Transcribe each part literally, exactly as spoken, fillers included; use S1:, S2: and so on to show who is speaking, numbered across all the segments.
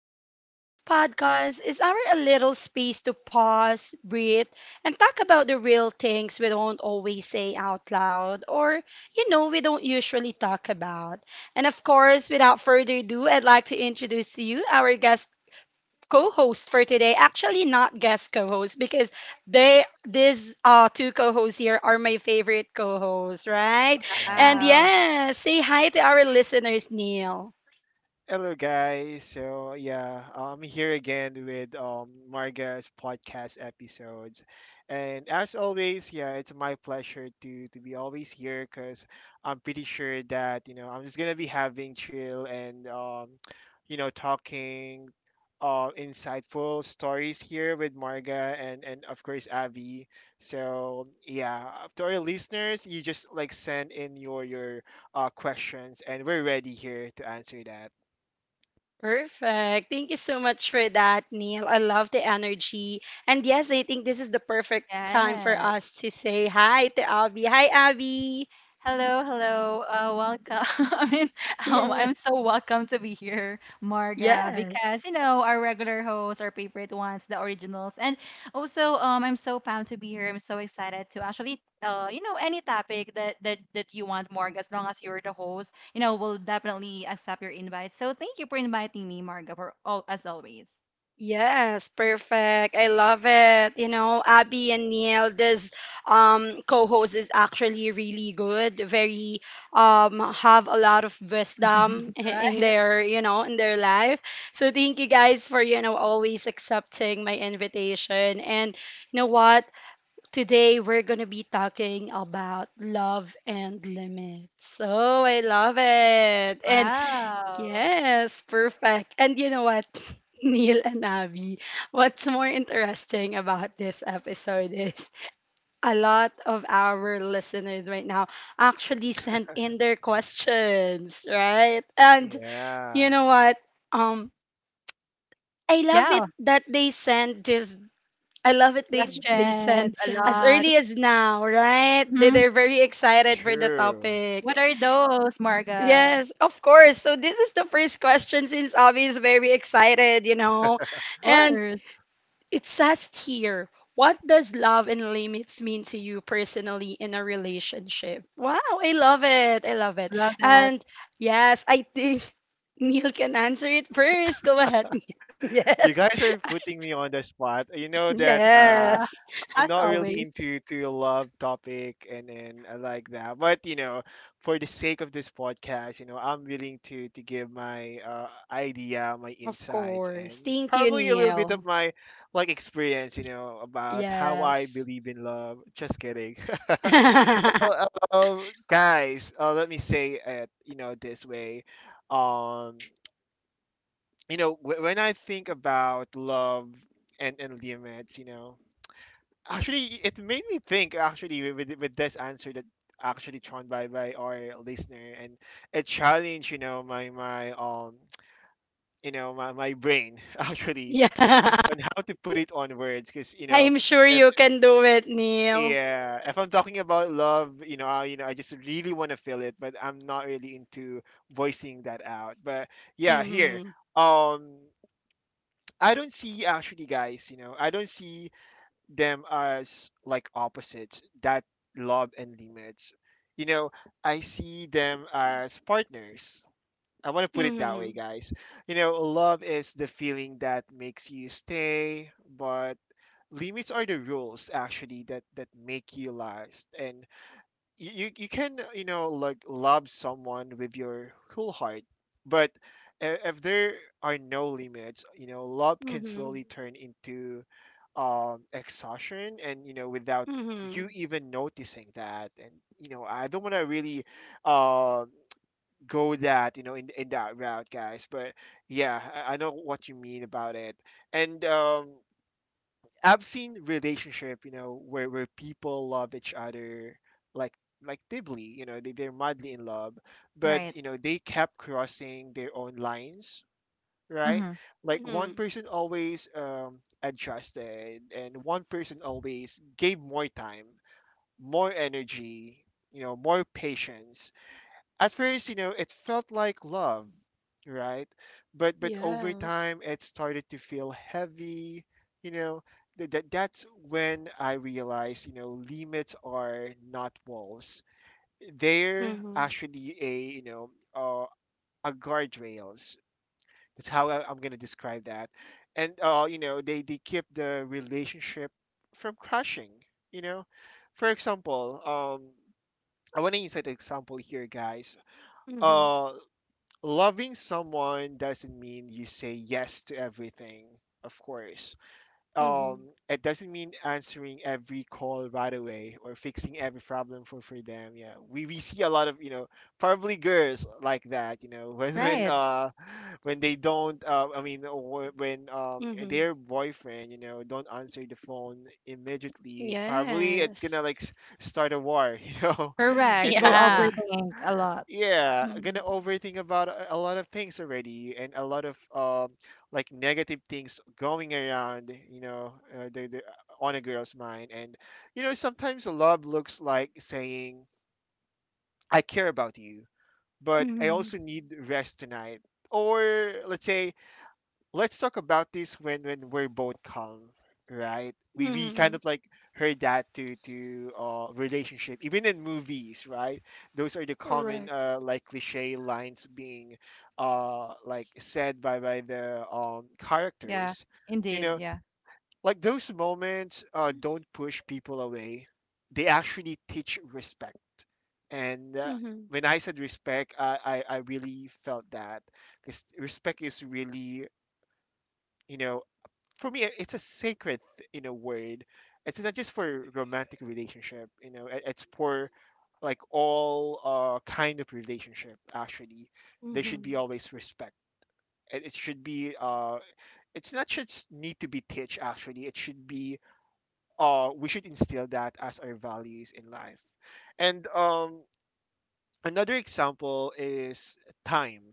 S1: So, this podcast is our a little space to pause, breathe, and talk about the real things we don't always say out loud or, you know, we don't usually talk about. And of course, without further ado, I'd like to introduce to you our guest co-host for today. Actually, not guest co-host because they these uh two co-hosts here are my favorite co-hosts, right? And
S2: Wow.
S3: Wow.
S1: yes, say hi to our listeners, Neil.
S3: Hello, guys. So yeah, I'm here again with um, Marga's podcast episodes, and as always, yeah, it's my pleasure to to be always here because I'm pretty sure that you know I'm just gonna be having chill and um, you know talking uh, insightful stories here with Marga and and of course Avi. So yeah, to our listeners, you just like send in your your uh, questions, and we're ready here to answer that.
S1: Perfect. Thank you so much for that, Neil. I love the energy. And yes, I think this is the perfect time for
S2: Yes.
S1: us to say hi to Abby. Hi, Abby.
S2: Hello, hello. Uh, welcome. I mean, um, I'm
S1: Yes.
S2: so welcome to be here, Marga, because
S1: Yes.
S2: you know our regular hosts, our favorite ones, the originals, and also um, I'm so pumped to be here. I'm so excited to actually, uh, you know, any topic that that that you want, Marga, as long as you're the host, you know, we'll definitely accept your invite. So thank you for inviting me, Marga, for all as always.
S1: Yes, perfect. I love it. You know, Abby and Neil, this um co-host is actually really good. Very um have a lot of wisdom i- in
S2: Right.
S1: their, you know, in their life. So thank you guys for, you know, always accepting my invitation. And you know what? Today we're gonna be talking about love and limits. Oh, I love it. And.
S2: Wow.
S1: Yes, perfect. And you know what, Neil and Abby, what's more interesting about this episode is a lot of our listeners right now actually sent in their questions, right? And you
S3: Yeah,
S1: know what? Um, I love
S2: Yeah,
S1: it that they send this. I love it they they
S2: questions
S1: send
S2: a
S1: as
S2: lot.
S1: early as now, right? They
S2: Mhm.
S1: they're very excited for the
S3: true.
S2: What
S1: topic.
S2: are those, Marga?
S1: Yes, of course. So this is the first question since Avi is very excited, you know.
S2: Of
S1: And
S2: course.
S1: it says here, what does love and limits mean to you personally in a relationship? Wow, I love it. I love it.
S2: Love that.
S1: And yes, I think Neil can answer it first. Go ahead.
S3: You guys
S1: Yes.
S3: are putting me on the spot. You know that uh,
S2: Yeah,
S1: Yes.
S3: I'm not
S2: as
S3: really
S2: always.
S3: into to love topic and and I like that. But you know, for the sake of this podcast, you know, I'm willing to to give my uh, idea, my
S1: Of
S3: insights, and
S1: course. Thank you,
S3: probably a little bit of
S1: Neil.
S3: my like experience. You know, about how I
S1: Yes.
S3: believe in love. Just kidding. Well, um, guys, uh, let me say it. You know, this way. Um, you know wh- when I think about love and and limits, you know, actually it made me think actually with, with this answer that actually thrown by by our listener, and it challenged, you know, my my um you know my, my brain actually
S1: Yeah.
S3: on how to put it on words because you know
S1: I'm sure
S3: if
S1: you can do it, Neil.
S3: yeah, if I'm talking about love, you know, I, you know, I just really want to feel it, but I'm not really into voicing that out. But yeah, here,
S1: Mhm.
S3: um I don't see actually, guys. You know, I don't see them as like opposites. That love and limits. You know, I see them as partners. I want to put it that way,
S1: Mhm.
S3: guys. You know, love is the feeling that makes you stay, but limits are the rules actually that that make you last. And you you you can uh, you know, like love someone with your whole heart, but i- if there are no limits, you know, love can slowly
S1: Mhm.
S3: turn into um exhaustion, and you know, without you
S1: Mhm.
S3: even noticing that. And you know, I don't want to really uh, go that, you know, in, in that route, guys, but yeah, I, I know what you mean about it. And um I've seen relationship, you know, where where people love each other like like deeply, you know, they, they're madly in love, but
S2: Right.
S3: you know, they kept crossing their own lines, right?
S2: Mm-hmm.
S3: Like one
S1: Mhm.
S3: person always um adjusted, and one person always gave more time, more energy, you know, more patience At first, you know, it felt like love, right? But but over
S1: Yes.
S3: time, it started to feel heavy. You know, that that- that's when I realized, you know, limits are not walls. They're
S1: Mhm.
S3: actually a, you know, uh, a guardrails. That's how I, I'm gonna describe that. And uh, you know, they they keep the relationship from crashing. You know, for example, um, I want to insert an example here, guys.
S1: Mhm.
S3: uh Loving someone doesn't mean you say yes to everything, of course.
S1: Mhm.
S3: Um it doesn't mean answering every call right away or fixing every problem for for them. Yeah, we we see a lot of, you know, probably girls like that, you know. when when
S2: Right.
S3: uh when they don't uh, i mean uh, wh- when um
S1: Mhm.
S3: their boyfriend, you know, don't answer the phone immediately, probably it's
S1: Yes.
S3: gonna like s- start a war. You know,
S2: Correct.
S3: and
S2: We'll
S3: then
S1: Yeah.
S2: overthink a lot.
S3: yeah, gonna
S1: Mhm.
S3: overthink about a a lot of things already, and a lot of um like negative things going around, you know, uh, the, the, on a girl's mind. And you know, sometimes love looks like saying, I care about you, but I
S1: Mhm.
S3: also need rest tonight. Or let's say, let's talk about this when when we're both calm, right? we we kind
S1: Mhm.
S3: of like heard that to to uh relationship, even in movies, right? Those are the common
S1: Correct.
S3: uh like cliche lines being uh like said by by the um
S2: Yeah.
S3: characters, you
S2: Indeed.
S3: know.
S2: Yeah.
S3: Like those moments uh don't push people away, they actually teach respect. And uh,
S1: Mhm.
S3: when I said respect, I, I I really felt that, because respect is really, you know, for me it's a sacred, you know, word. It's not just for romantic relationship, you know, it- it's for like all uh kind of relationship actually. There should be
S1: Mhm.
S3: always respect. It, it should be uh it's not just need to be teach, actually it should be uh we should instill that as our values in life. And um another example is time,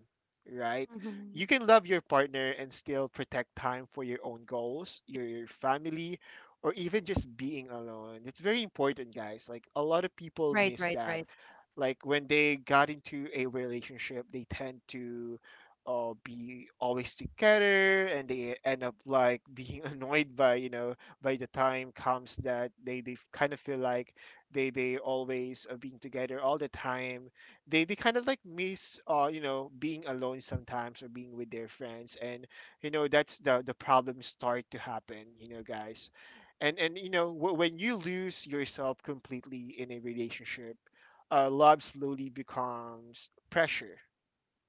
S3: right? You
S1: Mhm.
S3: can love your partner and still protect time for your own goals, your, your family, or even just being alone. It's very important, guys. Like a lot of people
S2: Right.
S3: miss
S2: Right.
S3: that.
S2: Right.
S3: Like when they got into a relationship, they tend to uh, be always together, and they end up like being annoyed by, you know, by the time comes that they they kind of feel like they they always are being together all the time. they they kind of like miss, uh you know, being alone sometimes, or being with their friends. And you know, that's the the problems start to happen, you know, guys. And and you know, w- when you lose yourself completely in a relationship, uh love slowly becomes pressure,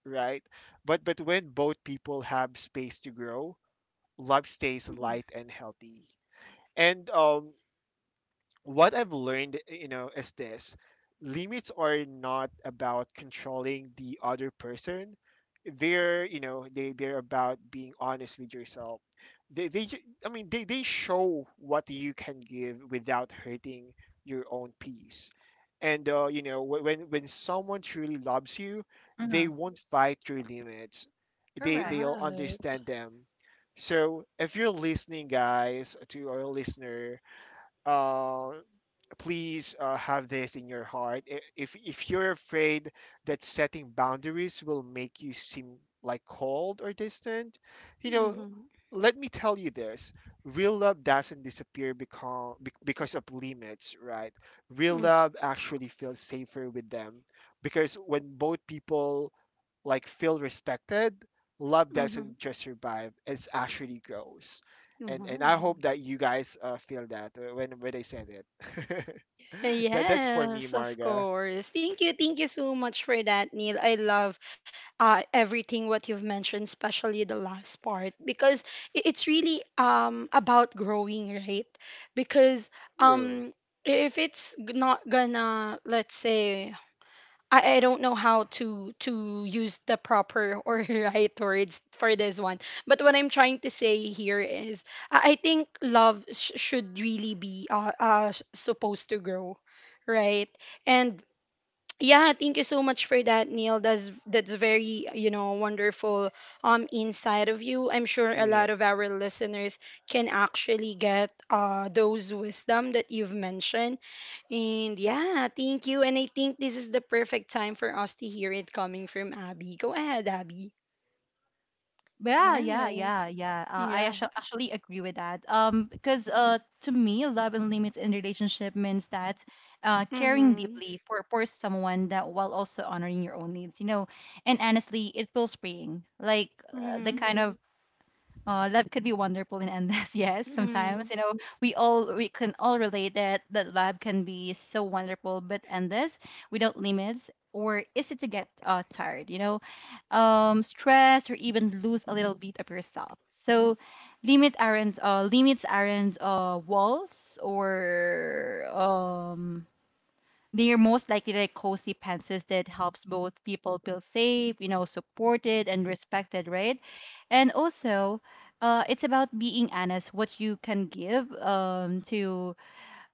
S3: right? But but when both people have space to grow, love stays
S1: Mhm.
S3: light and healthy. And um what I've learned, eh, you know, is this: limits are not about controlling the other person. They're, you know, they, they're about being honest with yourself. They, they, ju- I mean, they, they show what you can give without hurting your own peace. And uh, you know, wh- when, when someone truly loves you, they
S2: Mm-hmm.
S3: won't fight your limits. They,
S2: Correct.
S3: they'll
S1: Right.
S3: understand them. So if you're listening, guys, to our listener, uh, please uh, have this in your heart. I- If if you're afraid that setting boundaries will make you seem like cold or distant, you know,
S1: Mhm.
S3: let me tell you this: real love doesn't disappear because because of limits, right? Real
S1: Mhm.
S3: love actually feels safer with them, because when both people like feel respected, love doesn't
S1: Mhm.
S3: just survive; it actually grows. and and
S1: Wow.
S3: I hope that you guys uh, feel that uh, when when I send it. That that's for me,
S1: Yes, of
S3: Marga.
S1: course. Thank you. Thank you so much for that, Neil. I love uh, everything what you've mentioned, especially the last part, because i- it's really um, about growing, right? Because
S3: True.
S1: um, if it's g- not gonna, let's say, I, I don't know how to to use the proper or right words for this one. But what I'm trying to say here is I I think love sh- should really be uh, uh s- supposed to grow, right? And yeah, thank you so much for that, Neil. That's that's very, you know, wonderful um inside of you. I'm sure a
S3: Yeah,
S1: lot of our listeners can actually get uh those wisdom that you've mentioned. And yeah, thank you. And I think this is the perfect time for us to hear it coming from Abby. Go ahead, Abby.
S2: Yeah. Yeah. Yeah.
S1: Yes.
S2: Yeah. Uh, I
S1: Yeah.
S2: actu- actually agree with that. Um, because uh, to me, love and limits in relationship means that uh, caring
S1: Mm-hmm.
S2: deeply for for someone that while also honoring your own needs. You know, and honestly, it feels freeing. Like uh, the
S1: Mm-hmm.
S2: kind of Uh, love could be wonderful and endless. Yes, sometimes you know we all we can all relate that that love can be so wonderful but endless without limits or easy to get uh, tired. You know, um, stress or even lose a little bit of yourself. So, limit aren't uh, limits aren't uh, walls or um they're most likely like cozy fences that helps both people feel safe, you know, supported and respected, right? And also, uh, it's about being honest, what you can give um to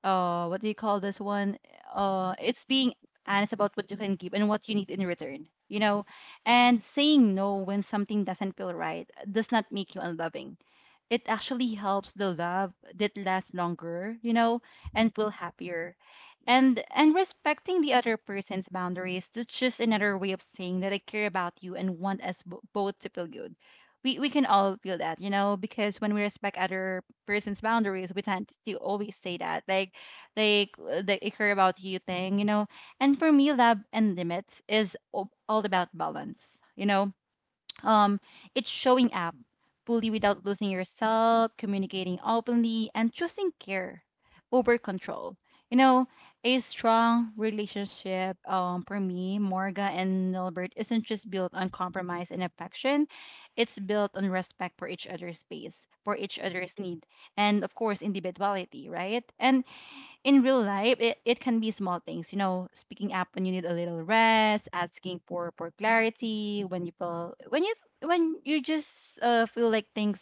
S2: uh what do you call this one? Uh, it's being honest about what you can give and what you need in return, you know, and saying no when something doesn't feel right does not make you unloving. It actually helps the love that lasts longer, you know, and feel happier. And and respecting the other person's boundaries, that's just another way of saying that I care about you and want us bo- both to feel good. We we can all feel that, you know, because when we respect other person's boundaries, we tend to always say that like like uh, the I care about you thing, you know. And for me, love and limits is all all about balance, you know, um, it's showing up fully without losing yourself, communicating openly, and choosing care over control. You know, a strong relationship, um, for me, Morga and Nilbert, isn't just built on compromise and affection. It's built on respect for each other's space, for each other's need, and of course, individuality, right? And in real life, it, it can be small things, you know, speaking up when you need a little rest, asking for for clarity when you feel when you when you just uh, feel like things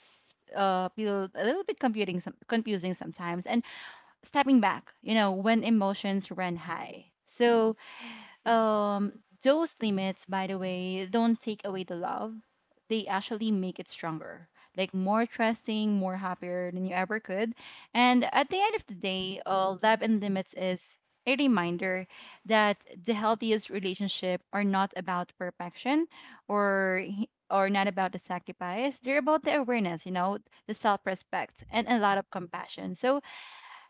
S2: uh feel a little bit confusing some confusing sometimes, and stepping back, you know, when emotions run high. So um, those limits, by the way, don't take away the love. They actually make it stronger, like more trusting, more happier than you ever could. And at the end of the day, uh, love and limits is a reminder that the healthiest relationship are not about perfection or h- or not about the sacrifice. They're about the awareness, you know, the self-respect and a lot of compassion. So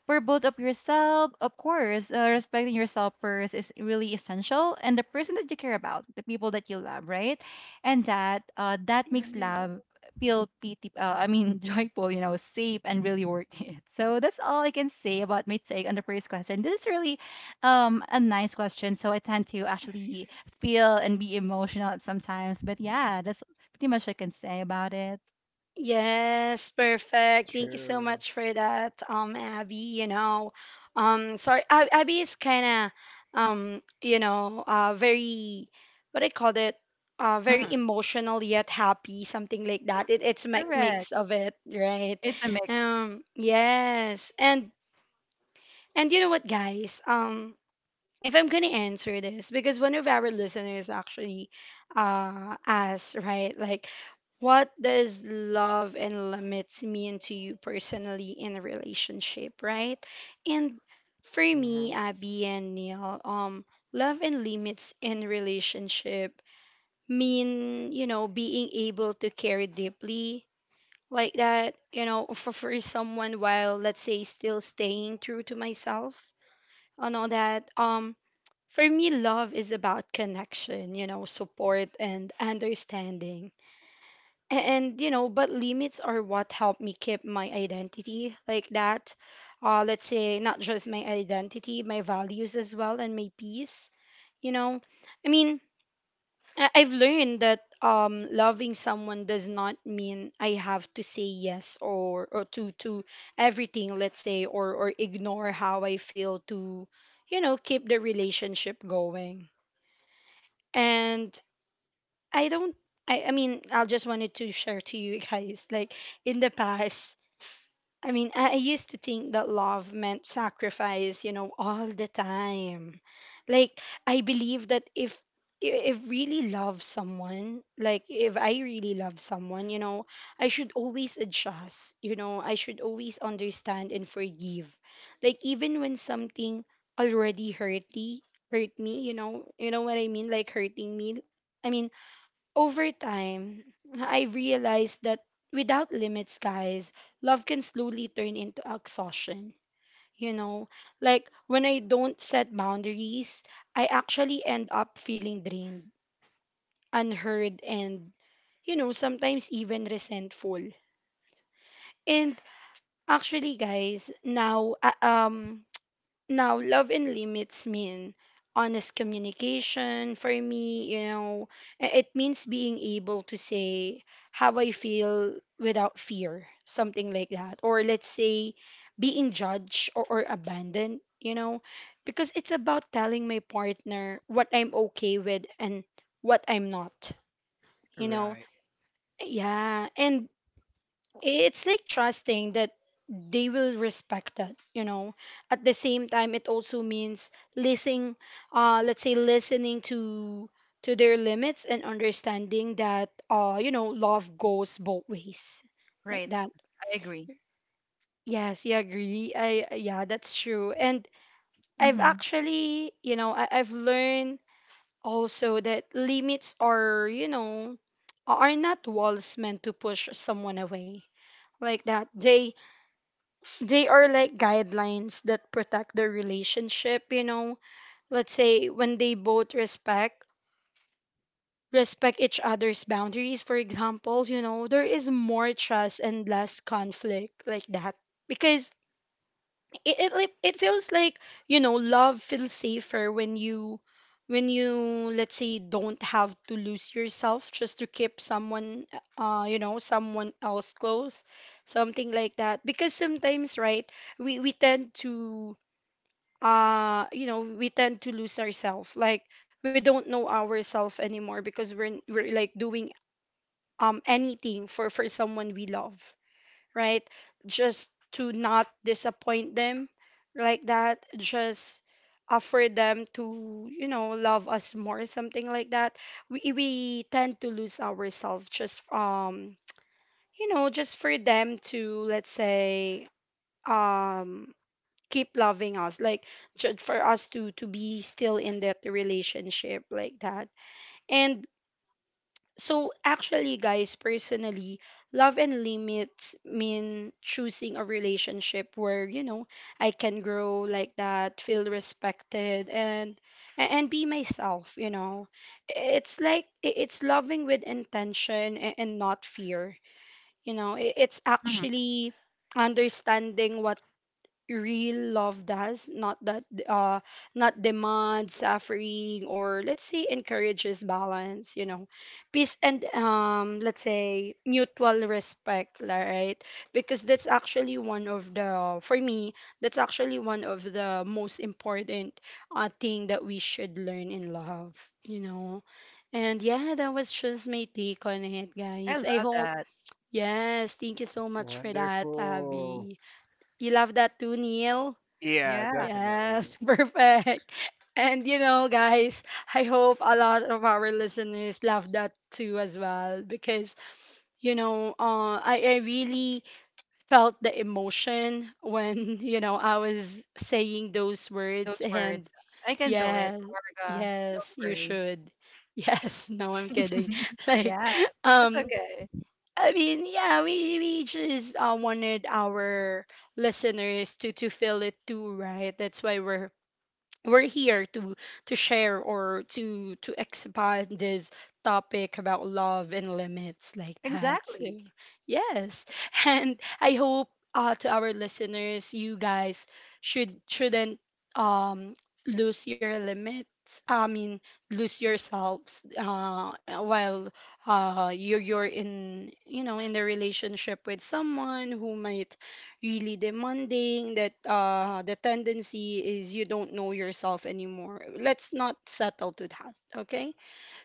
S2: for both of yourself, of course, uh, respecting yourself first is really essential, and the person that you care about, the people that you love, right? And that uh, that makes
S1: Mm-hmm.
S2: love feel pity, uh, I mean, joyful, you know, safe and really worth it. So that's all I can say about my take on the first question. This is really um a nice question, so I tend to actually feel and be emotional sometimes. But yeah, that's pretty much I can say about it.
S1: Yes, perfect. Thank you so
S3: true.
S1: much for that, um, Abby. You know, um, sorry, Ab- Abby is kind of, um, you know, uh, very, what I called it, uh, very
S2: Hmm.
S1: emotional yet happy, something like that. It, it's mi- mix
S2: Correct.
S1: of it, right?
S2: It's a mix.
S1: Um, yes, and and you know what, guys? Um, if I'm gonna answer this, because one of our listeners actually, uh, asked, right, like what does love and limits mean to you personally in a relationship, right? And for
S3: Hmm.
S1: me, Abby and Neil, um, love and limits in relationship mean, you know, being able to care deeply, like that, you know, for, for someone while, let's say, still staying true to myself and all that. Um, for me, love is about connection, you know, support and understanding, a- and you know but limits are what help me keep my identity, like that. uh let's say, not just my identity, my values as well, and my peace, you know. I mean, I- I've learned that um loving someone does not mean I have to say yes, or or to to everything, let's say, or or ignore how I feel to, you know, keep the relationship going. And I don't. I, I mean, I just wanted to share to you guys, like, in the past, I mean, I, I used to think that love meant sacrifice, you know, all the time. Like, I believe that if if really love someone, like, if I really love someone, you know, I should always adjust. You know, I should always understand and forgive, like, even when something already hurt me hurt me. You know, you know what I mean, like, hurting me, I mean, over time, I realized that without limits, guys, love can slowly turn into exhaustion. You know, like when I don't set boundaries, I actually end up feeling drained, unheard, and, you know, sometimes even resentful. And actually, guys, now, uh, um, Now, love and limits mean honest communication for me, you know, i- it means being able to say how I feel without fear, something like that. Or let's say, being judged, or, or abandoned, you know, because it's about telling my partner what I'm okay with and what I'm not, you know.
S3: Right.
S1: Yeah. And it's like trusting that they will respect that, you know, at the same time it also means listening, uh let's say listening to to their limits, and understanding that, uh you know, love goes both ways, like
S2: Right.
S1: that.
S2: I agree.
S1: Yes, you agree, I yeah, that's true. And I've
S2: Mm-hmm.
S1: actually, you know, I, i've learned also that limits are, you know, are not walls meant to push someone away, like that. They they are like guidelines that protect their relationship, you know. Let's say when they both respect respect each other's boundaries, for example, you know, there is more trust and less conflict, like that. Because it it, like, it feels like, you know, love feels safer when you when you let's say don't have to lose yourself just to keep someone, uh you know, someone else close, something like that. Because sometimes, right, we we tend to uh you know we tend to lose ourselves, like, we don't know ourselves anymore because we're we're like doing um anything for for someone we love, right, just to not disappoint them, like that, just offer them to, you know, love us more, something like that. We we tend to lose ourselves just, um you know, just for them to, let's say, um keep loving us, like, ju- for us to to be still in that relationship, like that. And so actually, guys, personally, love and limits mean choosing a relationship where, you know, I can grow, like that, feel respected, and a- and be myself, you know. It's like, i- it's loving with intention a- and not fear. You know, I- it's
S2: Mhm.
S1: actually understanding what real love does, not that uh not demand suffering, or let's say, encourages balance, you know, peace, and, um let's say, mutual respect, la- right? Because that's actually one of the for me, that's actually one of the most important uh thing that we should learn in love, you know. And yeah, that was just my take on it,
S2: I
S1: guys. I
S2: love
S1: hope.
S2: that.
S1: Yes, thank you so much for that,
S3: Wonderful.
S1: Abby. You love that too, Neil?
S3: Yeah,
S2: Yeah,
S3: definitely.
S1: Yes, perfect. And you know, guys, I hope a lot of our listeners love that too as well, because you know, uh, I I really felt the emotion when you know I was saying those words,
S2: those words.
S1: and
S2: I can feel it,
S1: yeah,
S2: Marga. Don't
S1: yes, you
S2: worry.
S1: should. Yes, no, I'm kidding. Like,
S2: Yeah, that's
S1: um,
S2: okay.
S1: I mean, yeah, we we just uh, wanted our listeners to to feel it too, right? That's why we're we're here to to share, or to to expand this topic about love and limits, like that.
S2: Exactly.
S1: So yes, and I hope, uh to our listeners, you guys should shouldn't, um lose your limits, I mean, lose yourselves, uh while, uh you you're you're in, you know, in the relationship with someone who might really demanding, that, uh, the tendency is you don't know yourself anymore. Let's not settle to that, okay?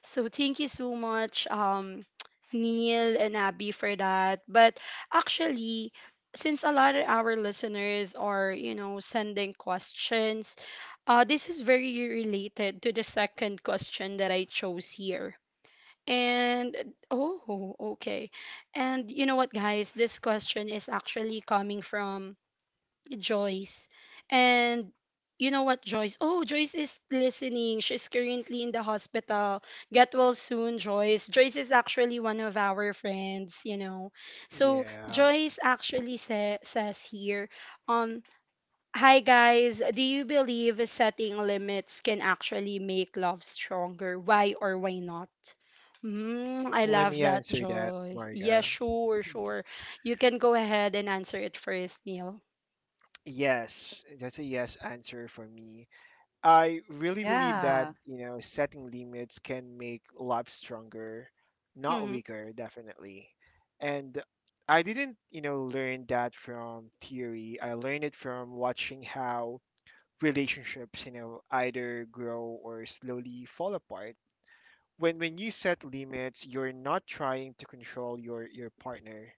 S1: So thank you so much, um, Neil and Abby, for that. But actually, since a lot of our listeners are, you know, sending questions, uh, this is very related to the second question that I chose here. And oh, okay. And you know what, guys? This question is actually coming from Joyce. And you know what, Joyce? Oh, Joyce is listening. She's currently in the hospital. Get well soon, Joyce. Joyce is actually one of our friends, you know. So
S3: Yeah.
S1: Joyce actually sa- says here, um, hi guys, do you believe setting limits can actually make love stronger? Why or why not? Mm, I
S3: Let
S1: love
S3: me
S1: that,
S3: answer that,
S1: Joyce. Yeah,
S3: Marga.
S1: sure, sure. You can go ahead and answer it first, Neil.
S3: Yes, that's a yes answer for me. I really believe that,
S2: Yeah.
S3: you know, setting limits can make life stronger, not
S1: Mm-hmm.
S3: weaker, definitely. And I didn't, you know, learn that from theory. I learned it from watching how relationships, you know, either grow or slowly fall apart. When when you set limits, you're not trying to control your your partner.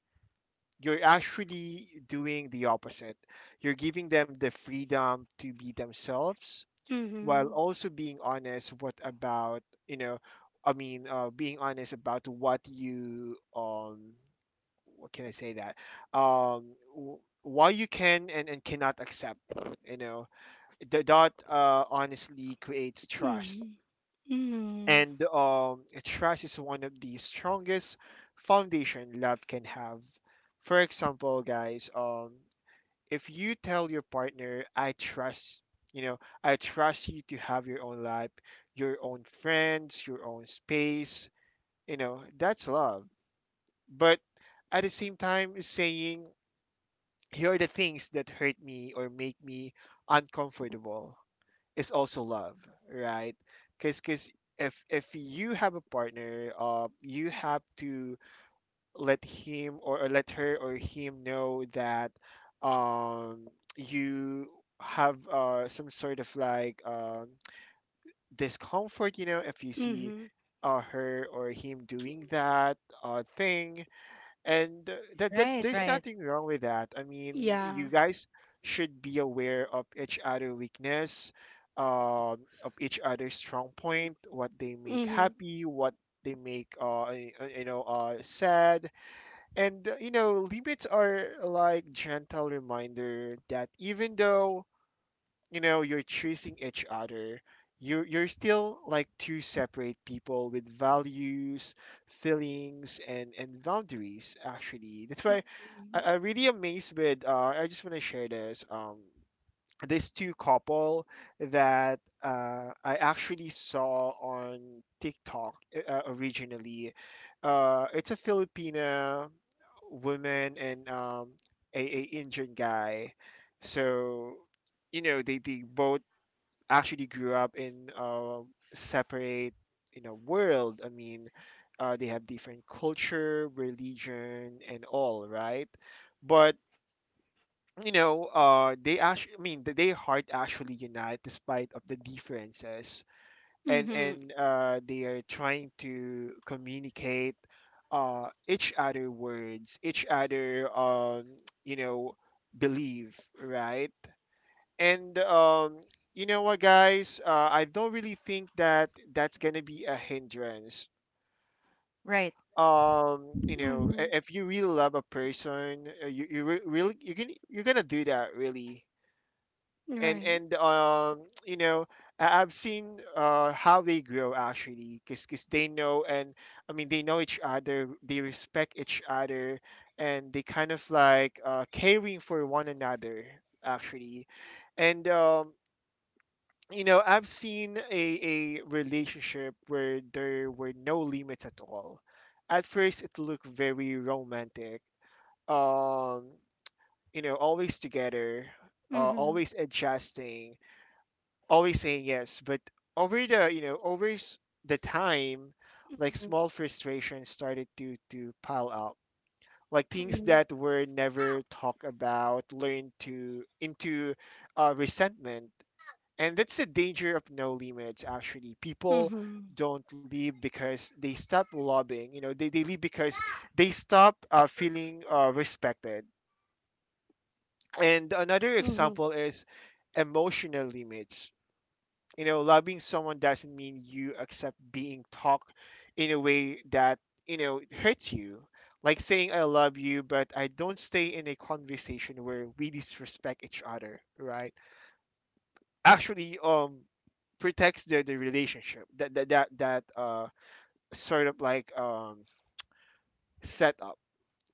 S3: You're actually doing the opposite. You're giving them the freedom to be themselves, while
S1: Mhm.
S3: also being honest what about, you know, i mean uh, being honest about what you um what can I say that um w- why you can and, and cannot accept, you know. The dot, uh, honestly creates trust.
S1: Mhm. Mhm.
S3: And um trust is one of the strongest foundation love can have. For example, guys, um if you tell your partner, I trust, you know, I trust you to have your own life, your own friends, your own space, you know, that's love. But at the same time, saying, here are the things that hurt me or make me uncomfortable is also love, right? Because if if you have a partner, uh, you have to let him or, or let her or him know that um, you have uh, some sort of like um, discomfort, you know, if you see
S1: Mhm.
S3: uh, her or him doing that uh, thing. And uh, that, that
S2: Right,
S3: there's
S2: right,
S3: nothing wrong with that. I mean,
S1: Yeah.
S3: you guys should be aware of each other weakness, um, of each other's strong point, what they make
S1: Mhm.
S3: happy, what they make uh, y- uh, you know, uh, sad. And uh, you know, limits are like gentle reminder that even though, you know, you're chasing each other, you're, you're still like two separate people with values, feelings, and, and boundaries, actually. That's why
S1: Mhm.
S3: I, I'm really amazed with, uh, I just want to share this. Um, this two couple that uh, I actually saw on TikTok, uh, originally. Uh, it's a Filipina woman and um, a, a Indian guy. So, you know, they, they both actually grew up in uh, separate, you know, world. I mean, uh, they have different culture, religion, and all, right? But you know, uh, they actually, I mean, th- they heart actually unite despite of the differences, and
S1: Mhm.
S3: and uh, they are trying to communicate uh, each other words, each other, um, you know, believe, right? And um, you know what, guys, uh, I don't really think that that's gonna be a hindrance.
S2: right,
S3: Um, you know,
S1: Mhm.
S3: i- if you really love a person, uh, you you re- really you're gonna you're gonna do that really and
S1: Right.
S3: and um you know I- i've seen uh how they grow actually because they know and i mean they know each other, they respect each other, and they kind of like uh caring for one another actually. And um you know i've seen a a relationship where there were no limits at all. At first it looked very romantic um you know always together, uh,
S1: Mhm.
S3: always adjusting, always saying yes. But over the you know over s- the time, like
S1: Mhm.
S3: small frustrations started to to pile up, like things
S1: Mhm.
S3: that were never talked about learned to into uh, resentment. And that's the danger of no limits. Actually, people
S1: Mhm.
S3: don't leave because they stop lobbying. You know, they they leave because they stop uh, feeling uh, respected. And another
S1: Mhm.
S3: example is emotional limits. You know, loving someone doesn't mean you accept being talked in a way that, you know, hurts you. Like saying I love you, but I don't stay in a conversation where we disrespect each other, right? Actually, um, protects the, the relationship that that that, that uh sort of like um setup,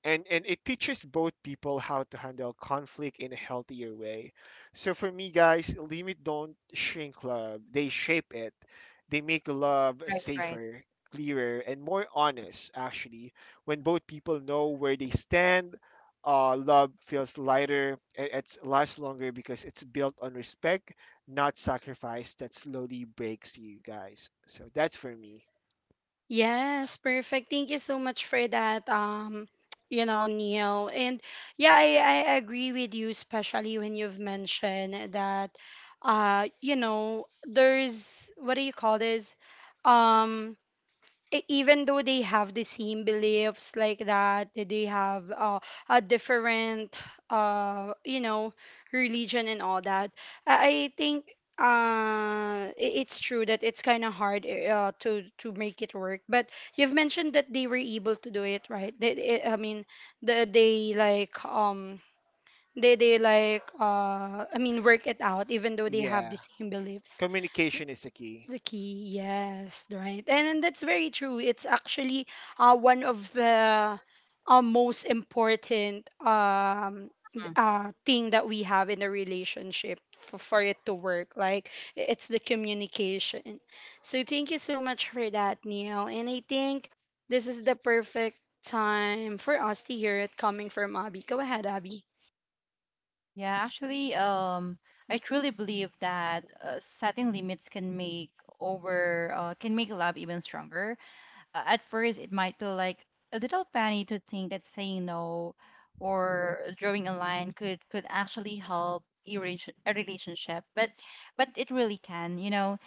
S3: and and it teaches both people how to handle conflict in a healthier way. So for me, guys, limit don't shrink love, they shape it. They make love
S2: right, right.
S3: safer, clearer and more honest actually. When both people know where they stand, uh, love feels lighter, it, it lasts longer because it's built on respect, not sacrifice that slowly breaks you guys. So that's for me.
S1: Yes, perfect. Thank you so much for that. Um, you know, Neil. And yeah, I, I agree with you, especially when you've mentioned that uh, you know, there's what do you call this? Um e- Even though they have the same beliefs like that that they have uh, a different uh you know religion and all that. i, I think uh i- it's true that it's kind of hard eh, uh, to to make it work, but you've mentioned that they were able to do it, right? they, I I mean the, they like um they they like uh I mean work it out even though they have
S3: Yeah,
S1: the same beliefs.
S3: communication is the key.
S1: The key, yes, right. And that's very true. It's actually uh, one of the uh, most important um,
S2: Mhm.
S1: uh, thing that we have in a relationship for, for it to work. Like, i- it's the communication. So, thank you so much for that, Neil. And I think this is the perfect time for us to hear it coming from Abby. Go ahead, Abby.
S2: Yeah, actually, um, I truly believe that uh, setting limits can make over uh, can make love even stronger. Uh, at first it might feel like a little funny to think that saying no or drawing a line could could actually help a relation- a relationship, but but it really can, you know.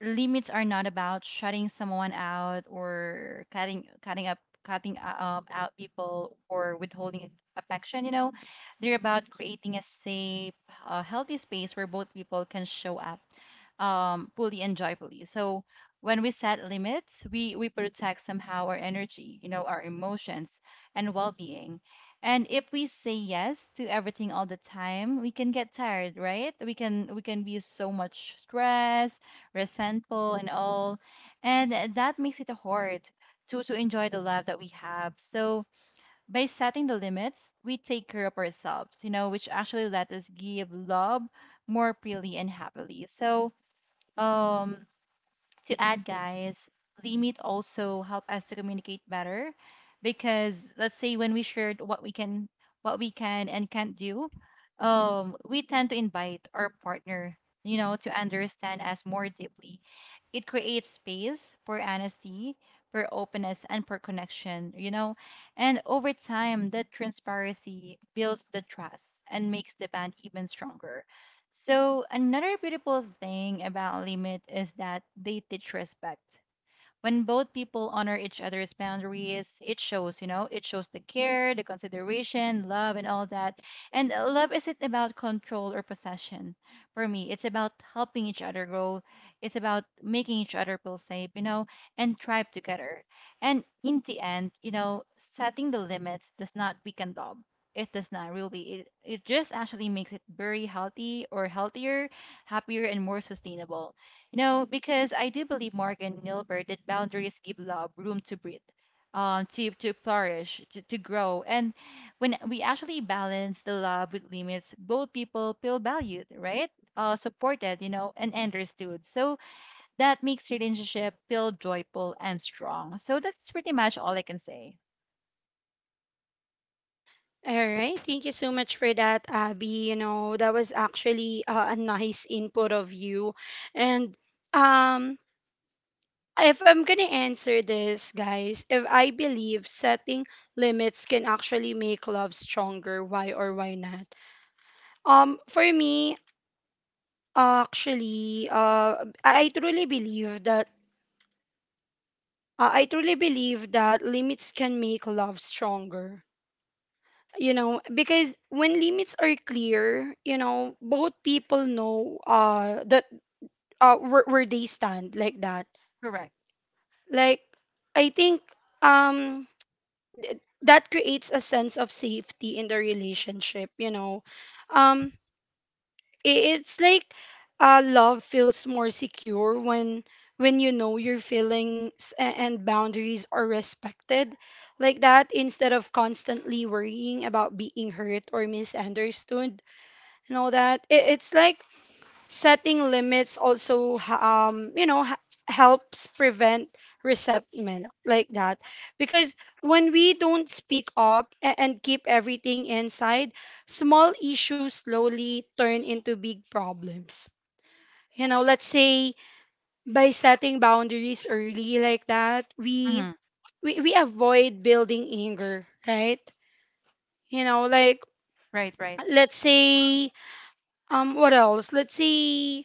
S2: Limits are not about shutting someone out or cutting cutting up cutting up out people or withholding affection, you know. They're about creating a safe, uh, healthy space where both people can show up, um, fully and joyfully. So when we set limits, we we protect somehow our energy, you know, our emotions and well-being. And if we say yes to everything all the time, we can get tired, right? We can we can be so much stressed, resentful, and all, and that makes it hard to to enjoy the life that we have. So by setting the limits, we take care of ourselves, you know, which actually let us give love more freely and happily. So um to add, guys, limit also help us to communicate better because let's say when we shared what we can what we can and can't do, um we tend to invite our partner, you know, to understand us more deeply. It creates space for honesty, for openness and for connection, you know, and over time that transparency builds the trust and makes the band even stronger. So another beautiful thing about limit is that they teach respect. When both people honor each other's boundaries, it shows, you know, it shows the care, the consideration, love, and all that. And uh, love isn't about control or possession. For me, it's about helping each other grow. It's about making each other feel safe, you know, and thrive together. And in the end, you know, setting the limits does not weaken love. It does not really it, It just actually makes it very healthy, or healthier, happier and more sustainable, no, because I do believe, Morgan Nilberg, that boundaries give love room to breathe, um, to to flourish, to, to grow. And when we actually balance the love with limits, both people feel valued, right? Uh, supported, you know, and understood. So that makes relationship feel joyful and strong. So that's pretty much all I can say.
S1: All right, thank you so much for that, Abby. You know, that was actually uh, a nice input of you. And um, if I'm gonna answer this, guys, if I believe setting limits can actually make love stronger, why or why not? Um, for me, actually, uh, I I truly believe that uh, I truly believe that limits can make love stronger, you know, because when limits are clear, you know, both people know uh that uh where, where they stand, like that.
S2: Correct.
S1: Like, I think, um th- that creates a sense of safety in the relationship, you know. um i- it's like uh love feels more secure when when you know your feelings a- and boundaries are respected, like that, instead of constantly worrying about being hurt or misunderstood and all that. It, it's like setting limits also ha- um you know, h- helps prevent resentment, like that, because when we don't speak up a- and keep everything inside, small issues slowly turn into big problems, you know. Let's say by setting boundaries early, like that, we
S2: Mm-hmm.
S1: we, we avoid building anger, right? You know, like,
S2: Right, right.
S1: let's say, um, what else, let's say,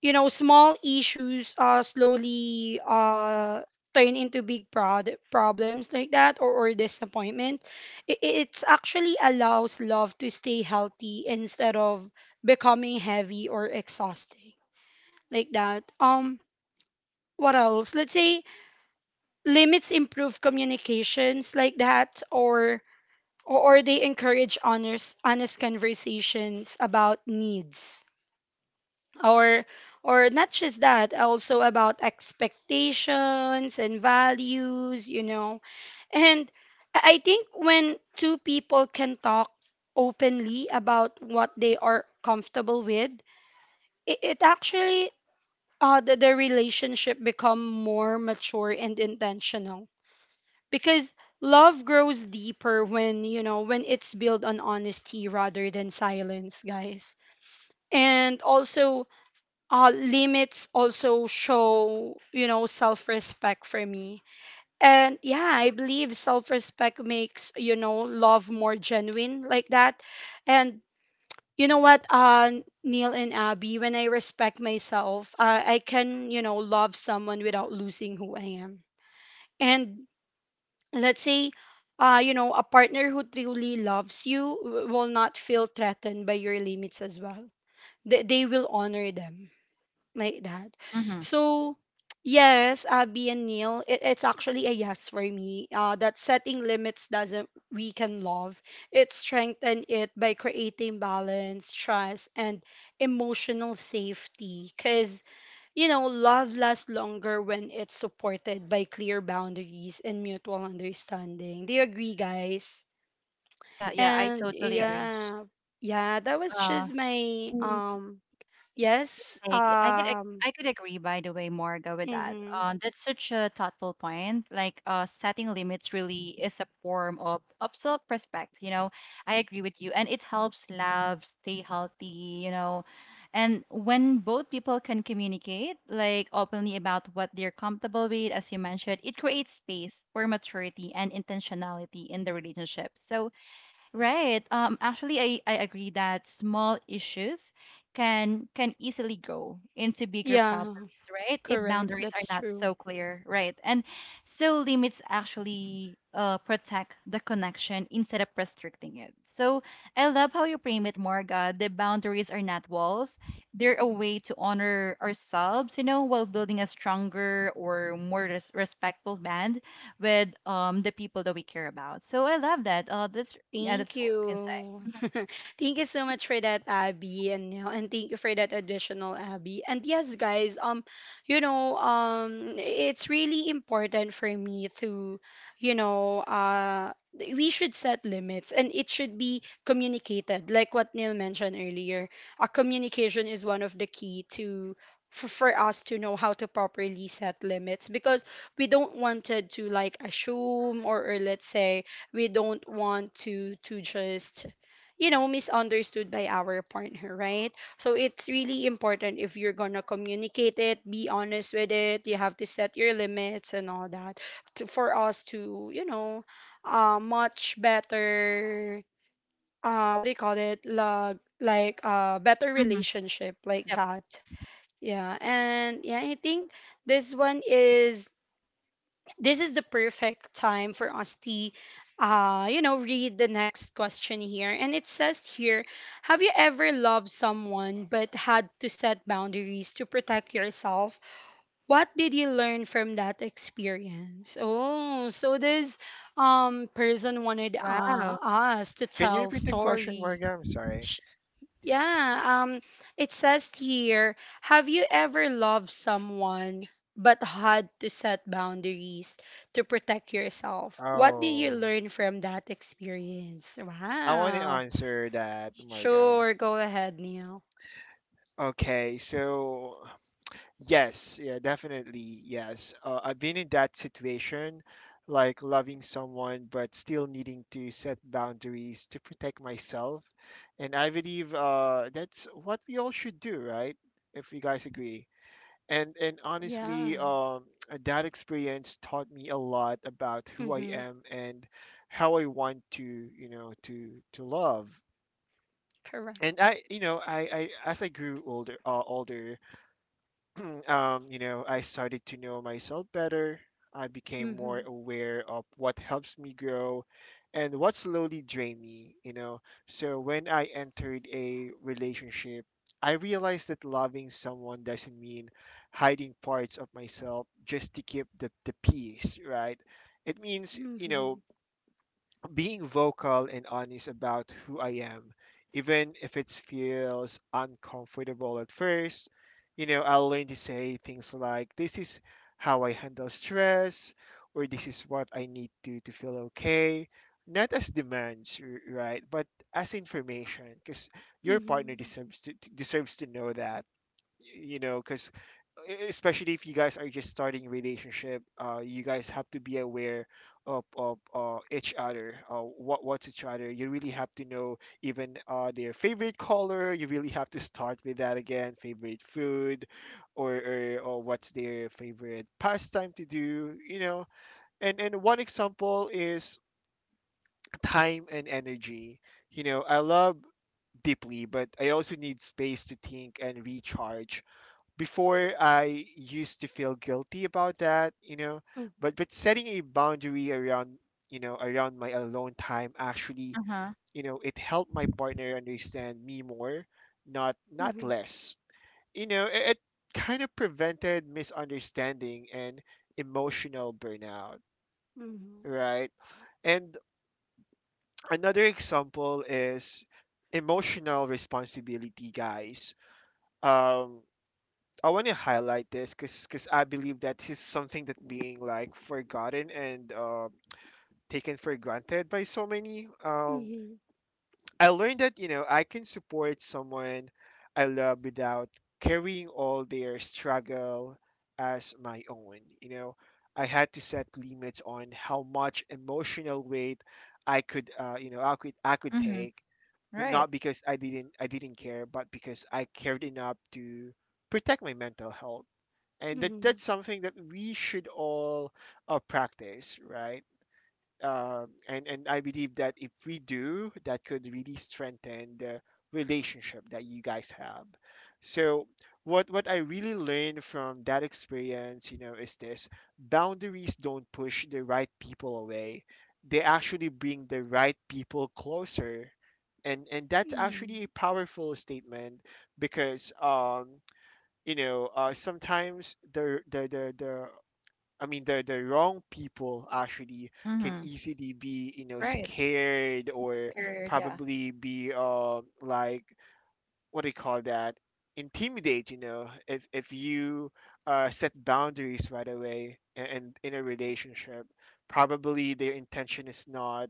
S1: you know, small issues uh slowly uh turn into big prod- problems like that, or, or disappointment. It it's actually allows love to stay healthy instead of becoming heavy or exhausting, like that. Um, what else, let's say limits improve communications, like that, or or or they encourage honest honest conversations about needs, or or not just that, also about expectations and values, you know. And I I think when two people can talk openly about what they are comfortable with, it, it actually uh the, the relationship become more mature and intentional because love grows deeper when, you know, when it's built on honesty rather than silence, guys. And also, uh, limits also show, you know, self respect for me. And yeah, I believe self respect makes, you know, love more genuine, like that. And you know what, uh, Neil and Abby, when I respect myself, uh, I can, you know, love someone without losing who I am. And let's say, uh, you know, a partner who truly loves you w- will not feel threatened by your limits as well. They, they will honor them, like that.
S2: Mm-hmm.
S1: So, yes, Abby and Neil, it, it's actually a yes for me. Uh, that setting limits doesn't weaken love, it strengthens it by creating balance, trust, and emotional safety. Because, you know, love lasts longer when it's supported by clear boundaries and mutual understanding. Do you agree, guys?
S2: Yeah, yeah, I
S1: And
S2: totally agree.
S3: Yes.
S1: yeah, yeah, that was
S2: Uh,
S1: just my um yes,
S2: Like y- I could ag-
S1: um,
S2: I could agree, by the way, Morga, with that.
S1: mhm.
S2: Uh, that's such a thoughtful point. Like, uh, setting limits really is a form of, of self-respect. You know, I agree with you, and it helps love stay healthy. You know, and when both people can communicate like openly about what they're comfortable with, as you mentioned, it creates space for maturity and intentionality in the relationship. So right. Um, actually, I, I agree that small issues can can easily grow into bigger
S1: Yeah,
S2: problems, right, if
S1: correct.
S2: boundaries are
S1: That's
S2: not
S1: true.
S2: so clear, right? And so limits actually uh, protect the connection instead of restricting it. So I love how you frame it, Morga. The boundaries are not walls; they're a way to honor ourselves, you know, while building a stronger or more res- respectful band with um the people that we care about. So I love that. Uh, that's, yeah, that's
S1: Thank
S2: what I can say.
S1: you. Thank you so much for that, Abby, and you know, and thank you for that additional, Abby. And yes, guys, um, you know, um, it's really important for me to, you know, uh, we should set limits, and it should be communicated. Like what Neil mentioned earlier, a communication is one of the key to. For, for us to know how to properly set limits, because we don't wanted to like assume, or, or let's say we don't want to to just, you know, misunderstood by our partner, right? So it's really important if you're gonna communicate it, be honest with it, you have to set your limits and all that, to, for us to, you know, uh, much better uh what do you call it, like like uh better
S2: Mm-hmm.
S1: relationship, like
S2: Yep.
S1: that. Yeah, and yeah, I think this one is this is the perfect time for us to uh you know, read the next question here, and it says here, have you ever loved someone but had to set boundaries to protect yourself, what did you learn from that experience? Oh, so this um person wanted uh
S2: Wow.
S1: us to
S3: Can you
S1: tell
S3: repeat the question,
S1: story.
S3: Marga? I'm sorry.
S1: Sh- yeah, um, it says here, have you ever loved someone but had to set boundaries to protect yourself? What did you
S3: Oh,
S1: learn from that experience?
S3: I want to
S1: Wow.
S3: answer that, Marga.
S1: Sure, go ahead, Neil.
S3: Okay, so yes, yeah, definitely yes. Uh, I've been in that situation, like loving someone but still needing to set boundaries to protect myself, and I believe uh, that's what we all should do, right? If you guys agree. and and honestly
S1: Yeah.
S3: um that experience taught me a lot about who i
S1: Mm-hmm.
S3: am and how i want to, you know, to to love.
S1: Correct.
S3: And I you know I, I as i grew older uh, older um, you know, I started to know myself better. I became more
S1: Mm-hmm.
S3: aware of what helps me grow and what slowly drained me, you know. So when I entered a relationship, I realized that loving someone doesn't mean hiding parts of myself just to keep the, the peace, right? It means, you
S1: Mm-hmm.
S3: know, being vocal and honest about who I am, even if it feels uncomfortable at first. You know, I learned to say things like, this is how I handle stress, or this is what I need to to feel okay. Not as demands, r- right? But as information, because your partner
S1: Mm-hmm.
S3: deserves to, to- deserves to know that. You know, because especially if you guys are just starting relationship, uh you guys have to be aware of, of uh, each other, uh, what what's each other. You really have to know, even uh, their favorite color. You really have to start with that again, favorite food, or, or, or what's their favorite pastime to do, you know. And and one example is time and energy. You know, i love deeply, but i also need space to think and recharge. Before I used to feel guilty about that, you know,
S1: Mm-hmm.
S3: but but setting a boundary around, you know, around my alone time actually,
S2: Uh-huh.
S3: you know, it helped my partner understand me more, not not
S1: Mm-hmm.
S3: less. You know, it, it kind of prevented misunderstanding and emotional burnout, right? And another example is emotional responsibility, guys. Um, I want to highlight this because I believe that is something that being like forgotten and uh, taken for granted by so many.
S1: Mm-hmm.
S3: Um,
S1: Mm-hmm.
S3: I learned that, you know, I can support someone I love without carrying all their struggle as my own. You know, I had to set limits on how much emotional weight I could, uh, you know, I could I could
S2: Mm-hmm.
S3: take.
S2: Right.
S3: Not because I didn't I didn't care, but because I cared enough to protect my mental health. And that, that's something that we should all uh, practice, right? um, and and I believe that if we do, that could really strengthen the relationship that you guys have. So what what I really learned from that experience, you know, is this: boundaries don't push the right people away, they actually bring the right people closer. and and that's actually a powerful statement, because um you know, uh, sometimes the the the the I mean the the wrong people actually can
S2: Mm-hmm.
S3: easily be, you know,
S2: Right.
S3: scared or
S2: Career. Yeah.
S3: probably be uh like, what do you call that, intimidate you know, if if you uh, set boundaries right away and, and in a relationship. Probably their intention is not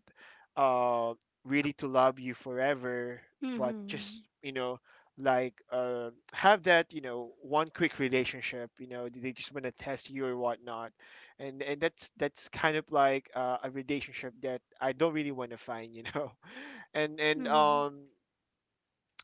S3: uh really to love you forever,
S1: Mm-hmm.
S3: but
S1: Mm-hmm.
S3: just, you know, like uh have that, you know, one quick relationship. You know, they just want to test you or whatnot. and and that's that's kind of like uh, a relationship that i don't really want to find, you know. and and um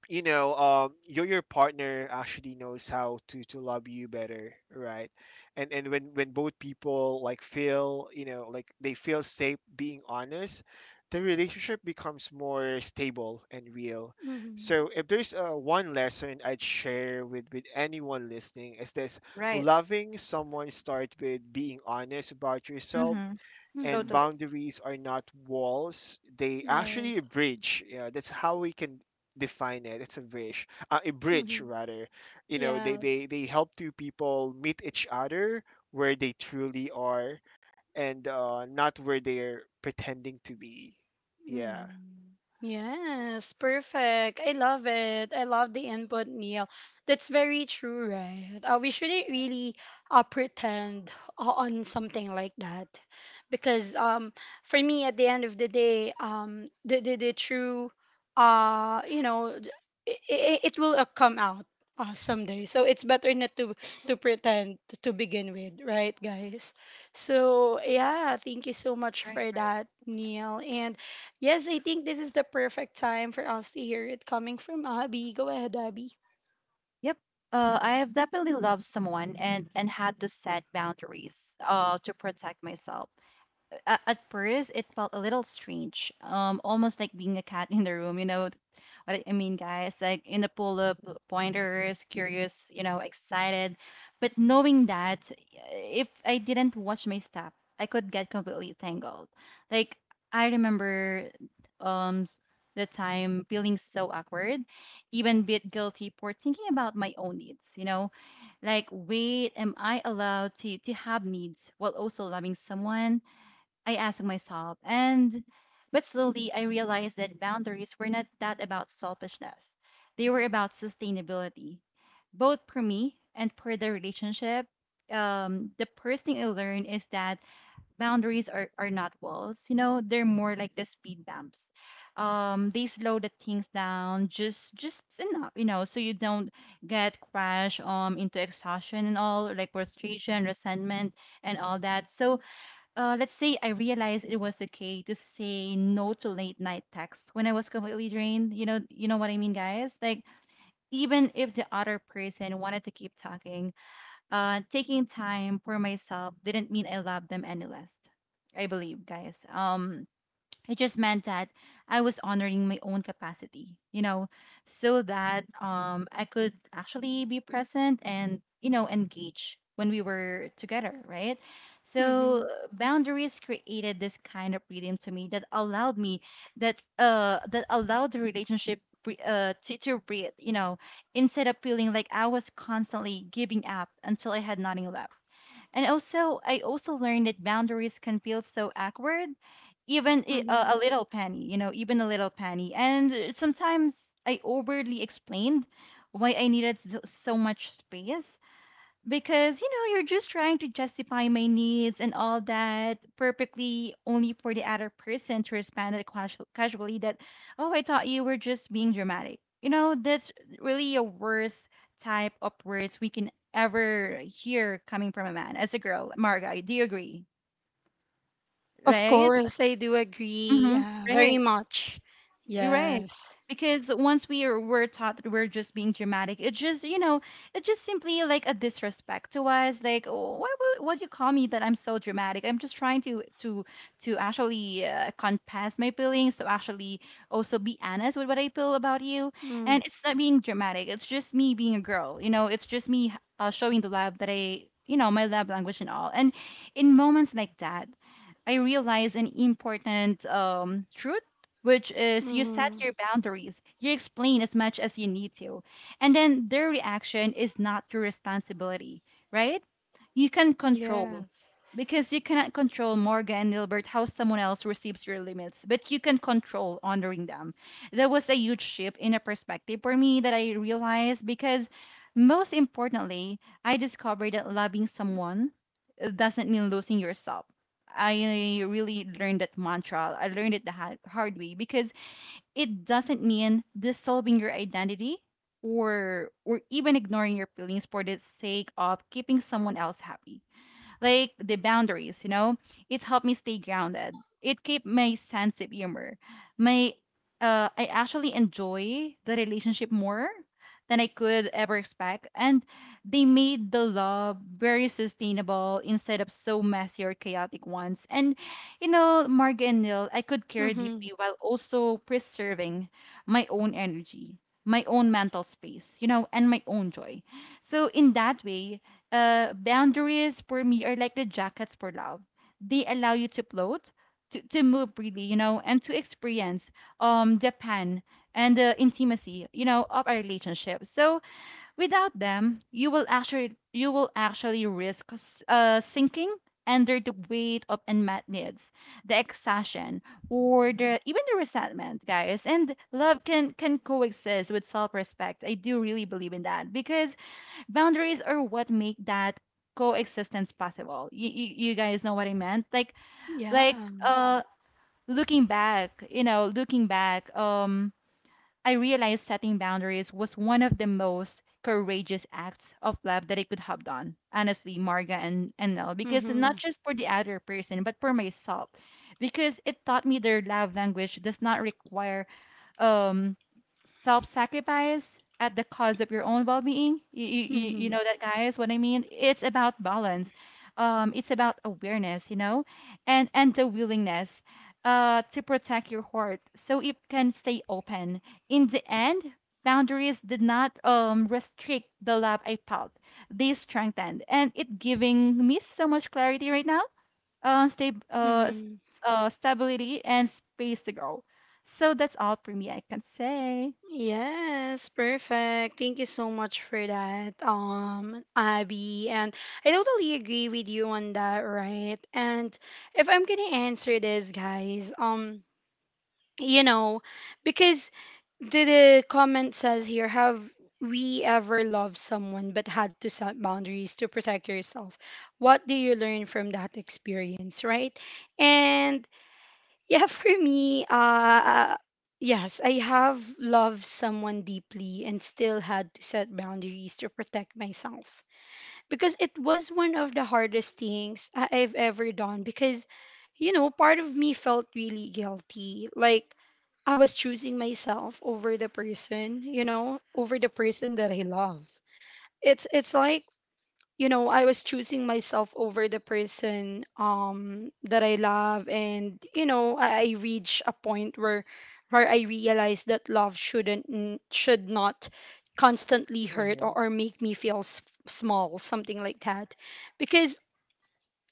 S3: you know, um, your your partner actually knows how to to love you better, right? And and when when both people like feel, you know, like they feel safe being honest, the relationship becomes more stable and real.
S1: Mm-hmm.
S3: So if there's uh, one lesson I'd share with with anyone listening, is this:
S2: Right.
S3: loving someone starts with being honest about yourself,
S2: Mm-hmm.
S3: and
S1: Mm-hmm.
S2: Totally.
S3: boundaries are not walls, they actually a bridge. Yeah, that's how we can define it. It's a bridge, uh, a bridge
S1: Right.
S3: rather. You know, they,
S1: Yes.
S3: they they help two people meet each other where they truly are, and uh, not where they're pretending to be. Yeah.
S1: Mm. Yes, perfect. I love it. I love the input, Neil. That's very true, right? Uh, we shouldn't really uh, pretend o- on something like that because um, for me, at the end of the day, um, the, the, the true, uh, you know, it, it will uh, come out uh, someday. So it's better not to, to pretend to begin with, right, guys? So, yeah, thank you so much
S2: Right.
S1: for
S2: Right.
S1: that, Neil. And yes, I think this is the perfect time for us to hear it coming from Abby. Go ahead, Abby.
S2: Yep. Uh, I have definitely loved someone and and had to set boundaries uh to protect myself. A- at first it felt a little strange, um almost like being a cat in the room, you know what i I mean, guys, like in the pool of pointers, curious, you know, excited, but knowing that if I didn't watch my step, I could get completely tangled. Like, I remember, um the time feeling so awkward, even bit guilty for thinking about my own needs, you know, like, wait, am I allowed to to have needs while also loving someone, I asked myself. And but slowly I realized that boundaries were not that about selfishness. They were about sustainability, both for me and for the relationship. Um, the first thing I learned is that boundaries are, are not walls, you know, they're more like the speed bumps. Um, they slow the things down just just enough, you know, so you don't get crashed um into exhaustion and all, like frustration, resentment, and all that. So, uh, let's say, I realized it was okay to say no to late night texts when I was completely drained. You know, you know what I mean, guys. Like, even if the other person wanted to keep talking, uh, taking time for myself didn't mean I loved them any less. I believe, guys. Um, it just meant that I was honoring my own capacity, you know, so that um I could actually be present and, you know, engage when we were together, right? So
S1: Mm-hmm.
S2: uh, boundaries created this kind of freedom to me that allowed me that uh that allowed the relationship bre- uh to, to breathe, you know, instead of feeling like I was constantly giving up until I had nothing left. And also, I also learned that boundaries can feel so awkward, even i-
S1: Mm-hmm.
S2: a, a little penny, you know, even a little penny. And uh, Sometimes I overly explained why I needed so, so much space, because you know, you're just trying to justify my needs and all that perfectly, only for the other person to respond it casual- casually that, oh, I thought you were just being dramatic. You know, that's really a worst type of words we can ever hear coming from a man as a girl. Marga, do you agree?
S1: Of
S2: Right.
S1: course, I do agree.
S2: Mm-hmm.
S1: Yeah,
S2: Right.
S1: very much.
S2: Right.
S1: Yes.
S2: Because once we are, were taught that we're just being dramatic, it just, you know, it just simply like a disrespect to us. Like, oh, why would what you call me that I'm so dramatic? I'm just trying to to to actually uh, confess my feelings, to actually also be honest with what I feel about you. And it's not being dramatic. It's just me being a girl. You know, it's just me uh, showing the love that I, you know, my love language and all. And in moments like that, I realized an important um, truth, which is you set
S1: Mm-hmm.
S2: your boundaries, you explain as much as you need to, and then their reaction is not your responsibility, right? You can control,
S1: Yes.
S2: because you cannot control, Morgan and Nilbert, how someone else receives your limits, but you can control honoring them. That was a huge shift in a perspective for me that I realized, because most importantly, I discovered that loving someone doesn't mean losing yourself. I really learned that mantra. I learned it the ha- hard way, because it doesn't mean dissolving your identity or or even ignoring your feelings for the sake of keeping someone else happy, like the boundaries, you know. It helped me stay grounded. It kept my sense of humor. My uh, I actually enjoy the relationship more than I could ever expect, and they made the love very sustainable instead of so messy or chaotic ones. And you know, Marga and Neil, I could care
S1: Mm-hmm.
S2: deeply while also preserving my own energy, my own mental space, you know, and my own joy. So in that way, uh, boundaries for me are like the jackets for love. They allow you to float, to, to move freely, you know, and to experience um the pain and the intimacy, you know, of a relationship. So without them, you will actually you will actually risk s- uh, sinking under the weight of unmet needs, the exhaustion, or the even the resentment, guys. And love can can coexist with self-respect. I do really believe in that, because boundaries are what make that coexistence possible. You, you, you guys know what I meant, like like
S1: Yeah.
S2: uh looking back, you know, looking back um I realized setting boundaries was one of the most courageous acts of love that I could have done. Honestly, Marga and, and Nell, because
S1: Mm-hmm.
S2: not just for the other person, but for myself. Because it taught me their love language does not require um self-sacrifice at the cost of your own well-being. You, you, you you
S1: Mm-hmm.
S2: know that, guys, what I mean. It's about balance. Um it's about awareness, you know, and and the willingness uh to protect your heart so it can stay open. In the end, boundaries did not um, restrict the love I felt. They strengthened, and it giving me so much clarity right now, um, sta- uh, s-
S1: Mm-hmm.
S2: uh, stability and space to grow. So that's all for me, I can say.
S1: Yes, perfect. Thank you so much for that, um, Abby. And I totally agree with you on that, right? And if I'm gonna answer this, guys, um, you know, because the, the comment says here, have we ever loved someone but had to set boundaries to protect yourself? What do you learn from that experience, right? And yeah, for me, uh, yes, I have loved someone deeply and still had to set boundaries to protect myself, because it was one of the hardest things I- I've ever done, because, you know, part of me felt really guilty. Like, I was choosing myself over the person, you know, over the person that I love. It's it's like, you know, I was choosing myself over the person um that I love, and you know, I, I reach a point where where I realized that love shouldn't n- should not constantly hurt,
S3: Mhm.
S1: or, or make me feel s- small, something like that. Because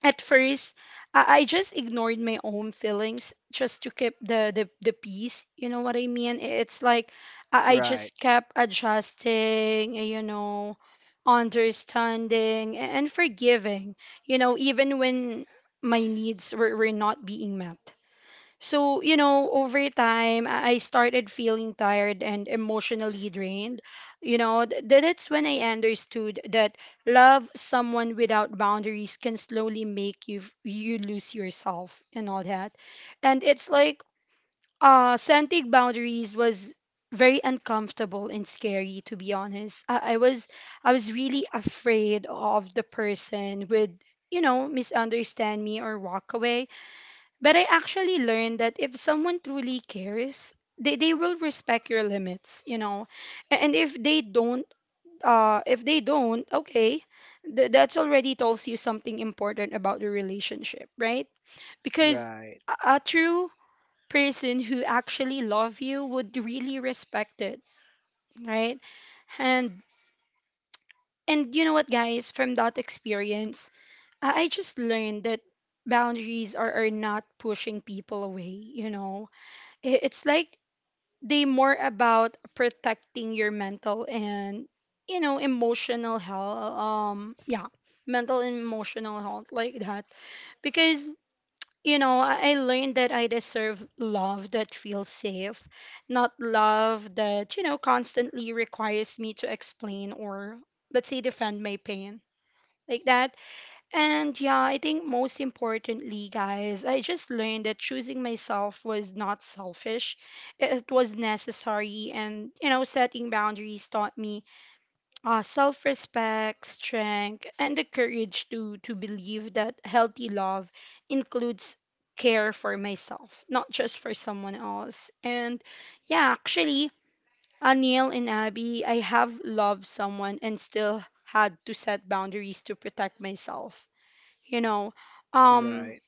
S1: at first I, I just ignored my own feelings just to keep the, the the peace, you know what I mean. I- it's like i, I
S3: Right.
S1: just kept adjusting, you know, understanding a- and forgiving, you know, even when my needs were, were not being met. So, you know, over time, I I started feeling tired and emotionally drained. You know, th- that's when I understood that love someone without boundaries can slowly make you f- you lose yourself and all that. And it's like uh setting boundaries was very uncomfortable and scary, to be honest. I, I was I was really afraid of the person would, you know, misunderstand me or walk away, but I actually learned that if someone truly cares, they, they will respect your limits, you know. A- And if they don't, uh, if they don't, okay, th- that's already tells you something important about the relationship, right? Because
S3: Right.
S1: a, a true person who actually love you would really respect it, right? And and you know what, guys, from that experience, I, I just learned that boundaries are, are not pushing people away, you know. I- It's like they more about protecting your mental and you know emotional health, um, yeah, mental and emotional health, like that, because you know i I learned that I deserve love that feels safe, not love that you know constantly requires me to explain, or let's say defend my pain, like that. And yeah, I think most importantly, guys, I just learned that choosing myself was not selfish. It it was necessary. And, you know, setting boundaries taught me uh, self respect, strength, and the courage to, to believe that healthy love includes care for myself, not just for someone else. And yeah, actually, Anil and Abby, I have loved someone and still had to set boundaries to protect myself, you know um
S3: Right.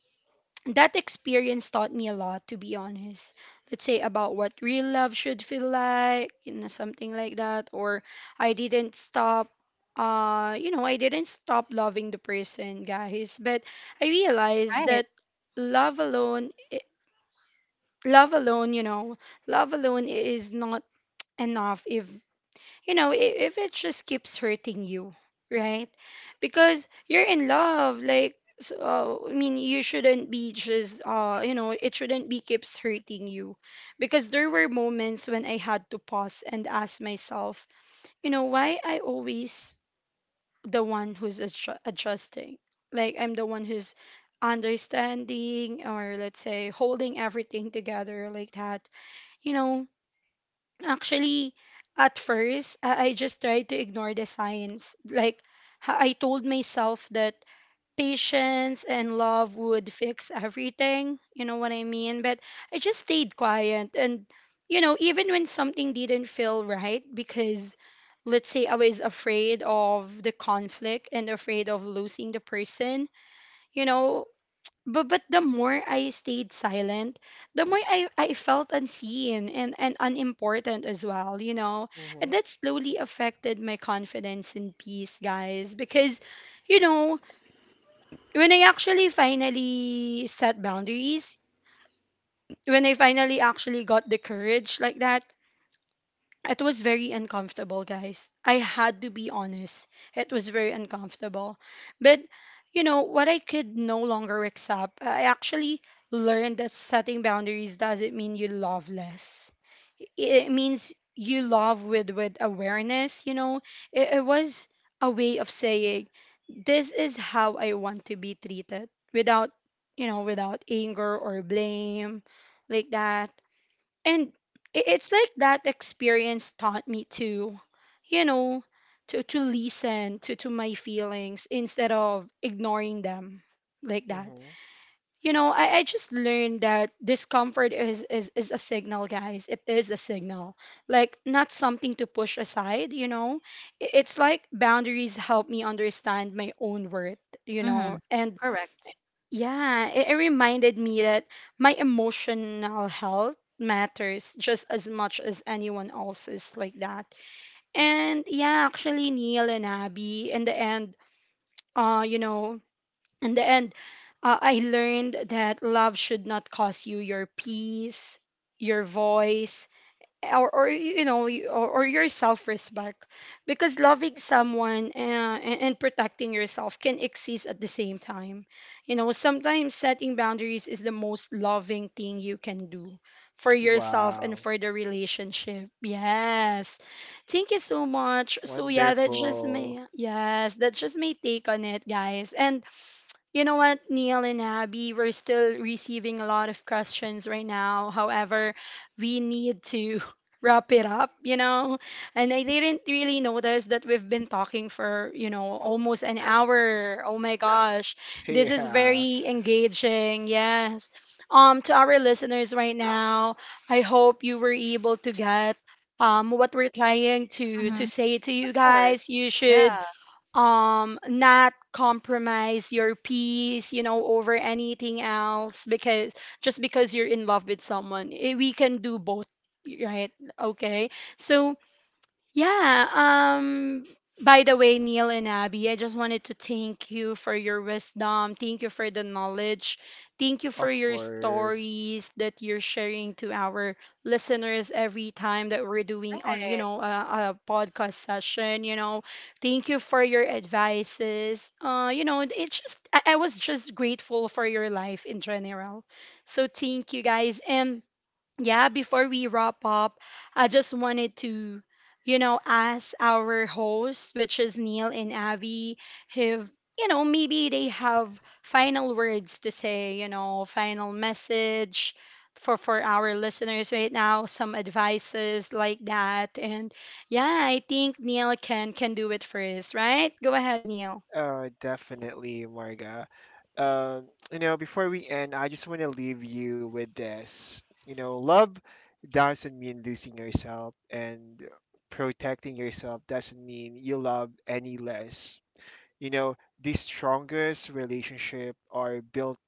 S1: that experience taught me a lot, to be honest. Let's say about what real love should feel like, you know, something like that. Or i didn't stop uh you know I didn't stop loving the person, guys, but I realized
S2: Right.
S1: that love alone i- love alone, you know, love alone is not enough if, you know, i- if it just keeps hurting you, right? Because you're in love, like, so, I mean, you shouldn't be just, uh, you know, it shouldn't be keeps hurting you. Because there were moments when I had to pause and ask myself, you know, why I always the one who's adju- adjusting? Like, I'm the one who's understanding, or let's say holding everything together like that, you know. Actually, at first, I I just tried to ignore the signs. Like, ha- I told myself that patience and love would fix everything. You know what I mean? But I just stayed quiet. And, you know, even when something didn't feel right, because let's say I was afraid of the conflict and afraid of losing the person, you know, but, but the more I stayed silent, the more I, I felt unseen and, and unimportant as well, you know? And
S3: Mhm.
S1: that slowly affected my confidence and peace, guys. Because, you know, when I actually finally set boundaries, when I finally actually got the courage like that, it was very uncomfortable, guys. I had to be honest. It was very uncomfortable. But, you know, what I could no longer accept, I actually learned that setting boundaries doesn't mean you love less. It means you love with, with awareness, you know. It, it was a way of saying, this is how I want to be treated without, you know, without anger or blame like that. And i- it's like that experience taught me to, you know, to to listen to to my feelings instead of ignoring them, like that,
S3: Mhm.
S1: you know. i, I just learned that discomfort is, is is a signal, guys. It is a signal, like, not something to push aside, you know. I- it's like boundaries help me understand my own worth, you
S2: Mm-hmm.
S1: know. And
S2: Correct.
S1: yeah, it, it reminded me that my emotional health matters just as much as anyone else's, like that. And yeah, actually Neil and Abby, in the end, uh, you know, in the end, uh, I learned that love should not cost you your peace, your voice, or, or you know y- or, or your self-respect, because loving someone, uh, and, and protecting yourself can exist at the same time, you know. Sometimes setting boundaries is the most loving thing you can do for yourself and
S3: Wow.
S1: for the relationship. Yes, thank you so much. So yeah, that's just
S3: Wonderful.
S1: my, yes, that's just my take on it, guys. And you know what, Neil and Abby, we're still receiving a lot of questions right now. However, we need to wrap it up, you know? And I didn't really notice that we've been talking for, you know, almost an hour. Oh my gosh. This is
S3: Yeah.
S1: very engaging. Yes. Um, to our listeners right now, I hope you were able to get um, what we're trying to
S2: Mm-hmm.
S1: to
S2: Of
S1: say to you
S2: course.
S1: guys. You should
S2: Yeah.
S1: um not compromise your peace, you know, over anything else. Because just because you're in love with someone, eh, we can do both, right? Okay, so yeah. Um. By the way, Neil and Abby, I just wanted to thank you for your wisdom. Thank you for the knowledge. Thank you for
S3: Of
S1: your
S3: course.
S1: stories that you're sharing to our listeners every time that we're doing on, you know, a, a podcast session. You know, thank you for your advices. Uh, you know, it's just I, I was just grateful for your life in general. So thank you, guys. And yeah, before we wrap up, I just wanted to, you know, ask our hosts, which is Neil and Avi, if, you know, maybe they have final words to say, you know, final message for for our listeners right now, some advices like that. And yeah, I think Neil can can do it first, right? Go ahead, Neil.
S3: Oh, definitely, Marga. Um, you know, before we end, I just want to leave you with this. You know, love doesn't mean losing yourself, and protecting yourself doesn't mean you love any less. You know, the strongest relationship are built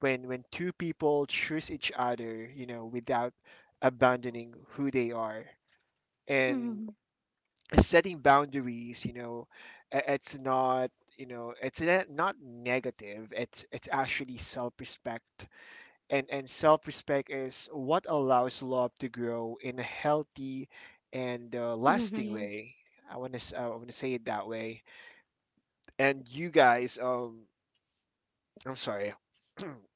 S3: when when two people choose each other, you know, without abandoning who they are. And
S1: Hmm.
S3: setting boundaries, you know, i- it's not, you know, it's ne- not negative, it's it's actually self-respect. And and self-respect is what allows love to grow in a healthy and uh, lasting
S1: Hmm.
S3: way. I want to i want to say it that way. And you guys, um I'm sorry.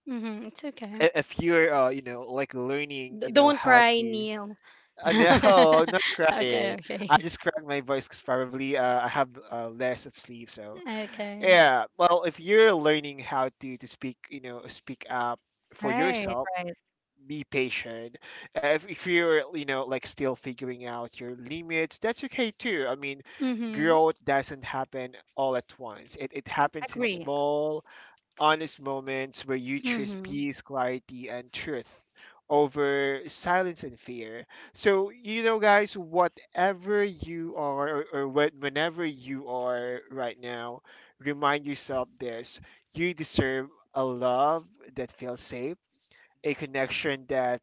S1: Hmm. It's okay.
S3: I- if you're, uh, you know, like learning,
S1: D-
S3: you know,
S1: don't
S3: how
S1: cry,
S3: to...
S1: Neil.
S3: uh, no, I'm not
S1: Okay,
S3: crying. I
S1: okay.
S3: just cracked my voice because probably uh, I have uh, less of sleep, so.
S1: Okay.
S3: Yeah, well, if you're learning how to, to speak, you know, speak up for
S2: Right.
S3: yourself,
S2: Right.
S3: be patient. Uh, If, if you're, you know, like still figuring out your limits, that's okay too. I mean,
S1: Mhm.
S3: growth doesn't happen all at once. It, it happens in
S2: Agree.
S3: small, honest moments where you choose
S1: Mhm.
S3: peace, clarity, and truth over silence and fear. So, you know, guys, whatever you are, or or whe- whenever you are right now, remind yourself this: you deserve a love that feels safe, a connection that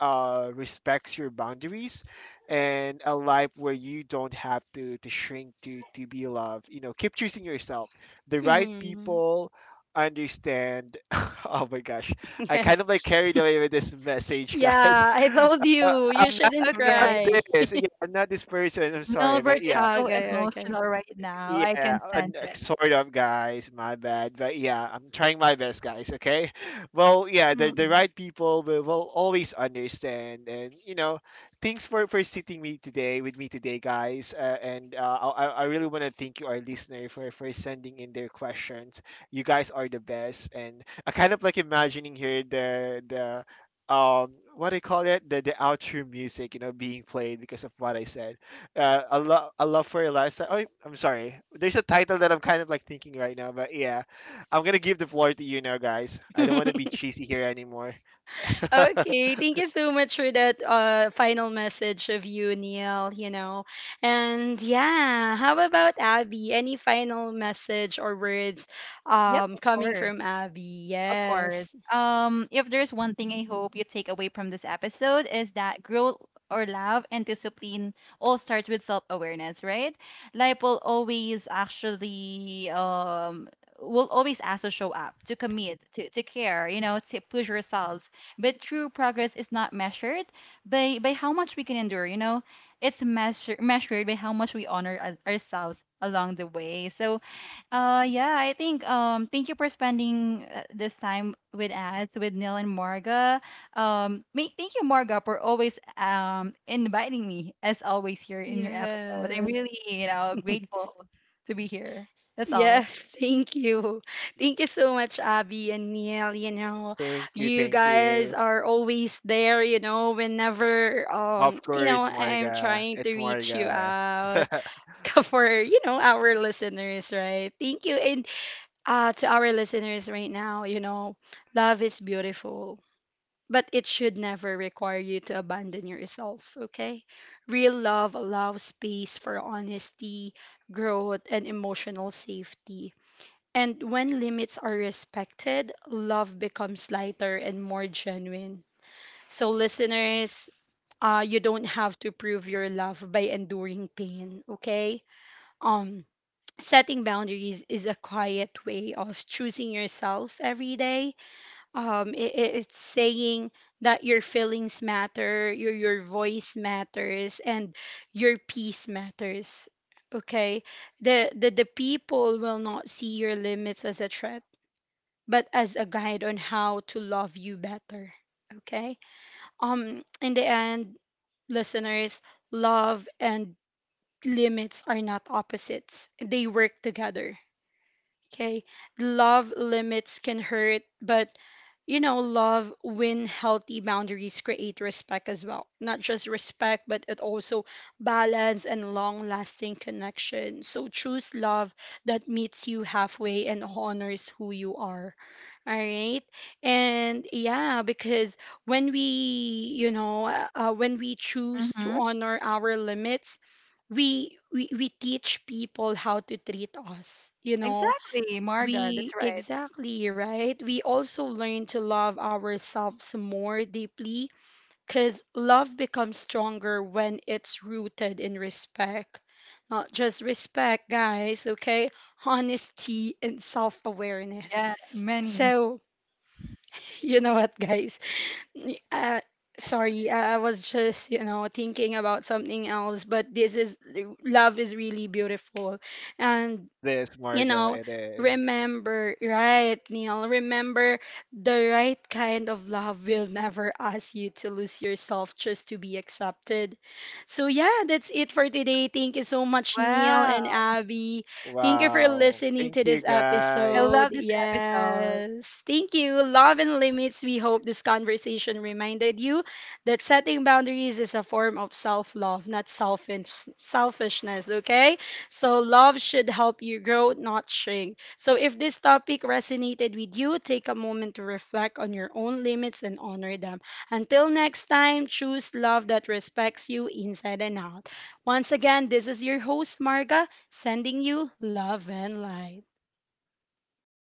S3: uh, respects your boundaries, and a life where you don't have to, to shrink to, to be loved. You know, keep choosing yourself. The right
S1: Mhm.
S3: people understand. Oh my gosh. I kind
S1: Yes.
S3: of like carried away with this message, guys.
S1: Yeah, I told
S3: Uh,
S1: you you
S3: I'm not
S1: shouldn't
S2: It's
S3: I'm not
S2: okay.
S1: cry.
S3: this. Yeah, I'm not this person. I'm sorry, but
S2: Nilbert is
S3: yeah.
S2: so
S1: Okay, okay.
S2: emotional right now. I
S3: Yeah,
S2: can
S3: uh,
S2: sense it.
S3: sort of, guys. My bad, but yeah, I'm trying my best, guys. Okay, well, yeah, the the
S1: Mm-mm.
S3: right people will, will always understand, and you know, thanks for for sitting me today with me today, guys. Uh, and uh, I I I really want to thank you, our listener, for for sending in their questions. You guys are the best, and I kind of like imagining here the the um what do you call it, the the outro music, you know, being played because of what I said. uh, a love a love for Eliza. Oh, I'm sorry. There's a title that I'm kind of like thinking right now, but yeah, I'm gonna give the floor to you now, guys. I don't want to be cheesy here anymore.
S1: Okay, thank you so much for that uh final message of you, Neil, you know. And yeah, how about Abby? Any final message or words
S2: Yep.
S1: um
S2: Of
S1: coming
S2: course.
S1: from Abby?
S2: Of course.
S1: Yes.
S2: Um, if there's one thing I hope you take away from this episode, is that growth or love and discipline all start with self-awareness, right? Life will always actually um will always ask to show up, to commit, to, to care, you know, to push yourselves. But true progress is not measured by by how much we can endure, you know. It's measure, measured by how much we honor our- ourselves along the way. So uh, yeah, I think um thank you for spending uh, this time with us, with Neil and Marga. Um ma- thank you, Marga, for always um inviting me as always here in your episode. I'm
S1: Yes.
S2: really, you know, grateful to be here. That's all.
S1: Yes, thank you. Thank you so much, Abby and Neil. You know,
S3: Thank you,
S1: you
S3: thank
S1: guys
S3: you.
S1: are always there, you know, whenever
S3: Of
S1: um, you know,
S3: course,
S1: I'm
S3: Marga.
S1: trying to
S3: It's
S1: reach you
S3: Marga.
S1: out for, you know, our listeners, right? Thank you. And uh to our listeners right now, you know, love is beautiful, but it should never require you to abandon yourself, okay? Real love allows space for honesty, growth, and emotional safety. And when limits are respected, love becomes lighter and more genuine. So, listeners, uh, you don't have to prove your love by enduring pain, okay? Um, Setting boundaries is a quiet way of choosing yourself every day. Um, i i- it's saying that your feelings matter, your, your voice matters, and your peace matters. Okay, the, the the people will not see your limits as a threat, but as a guide on how to love you better. Okay? Um in the end, listeners, love and limits are not opposites. They work together. Okay? Love limits can hurt, but you know, love when healthy boundaries create respect as well. Not just respect, but it also balance and long lasting connection. So choose love that meets you halfway and honors who you are. All right. And yeah, because when we, you know, uh, uh, when we choose to
S2: Mhm.
S1: honor our limits, we, we we teach people how to treat us. You know,
S2: Exactly, Marga,
S1: we
S2: that's right.
S1: exactly, right? We also learn to love ourselves more deeply because love becomes stronger when it's rooted in respect. Not just respect, guys, okay? Honesty and self-awareness.
S2: Yeah, many.
S1: So, you know what, guys? N- Uh, sorry, I I was just, you know, thinking about something else, but this is love is really beautiful. And,
S3: This
S1: you
S3: Marga,
S1: know,
S3: it is.
S1: remember, right, Neil? Remember, the right kind of love will never ask you to lose yourself just to be accepted. So, yeah, that's it for today. Thank you so much, Neil and
S2: Wow.
S1: Abby. Thank you for
S3: Wow.
S1: listening
S3: Thank
S1: to
S3: you,
S1: this
S2: I
S3: guys.
S1: episode.
S2: love this episode.
S1: Yes. Thank you. Love and limits. We hope this conversation reminded you that setting boundaries is a form of self love, not selfish, selfishness. Okay? So, love should help you grow, not shrink. So, if this topic resonated with you, take a moment to reflect on your own limits and honor them. Until next time, choose love that respects you inside and out. Once again, this is your host, Marga, sending you love and light.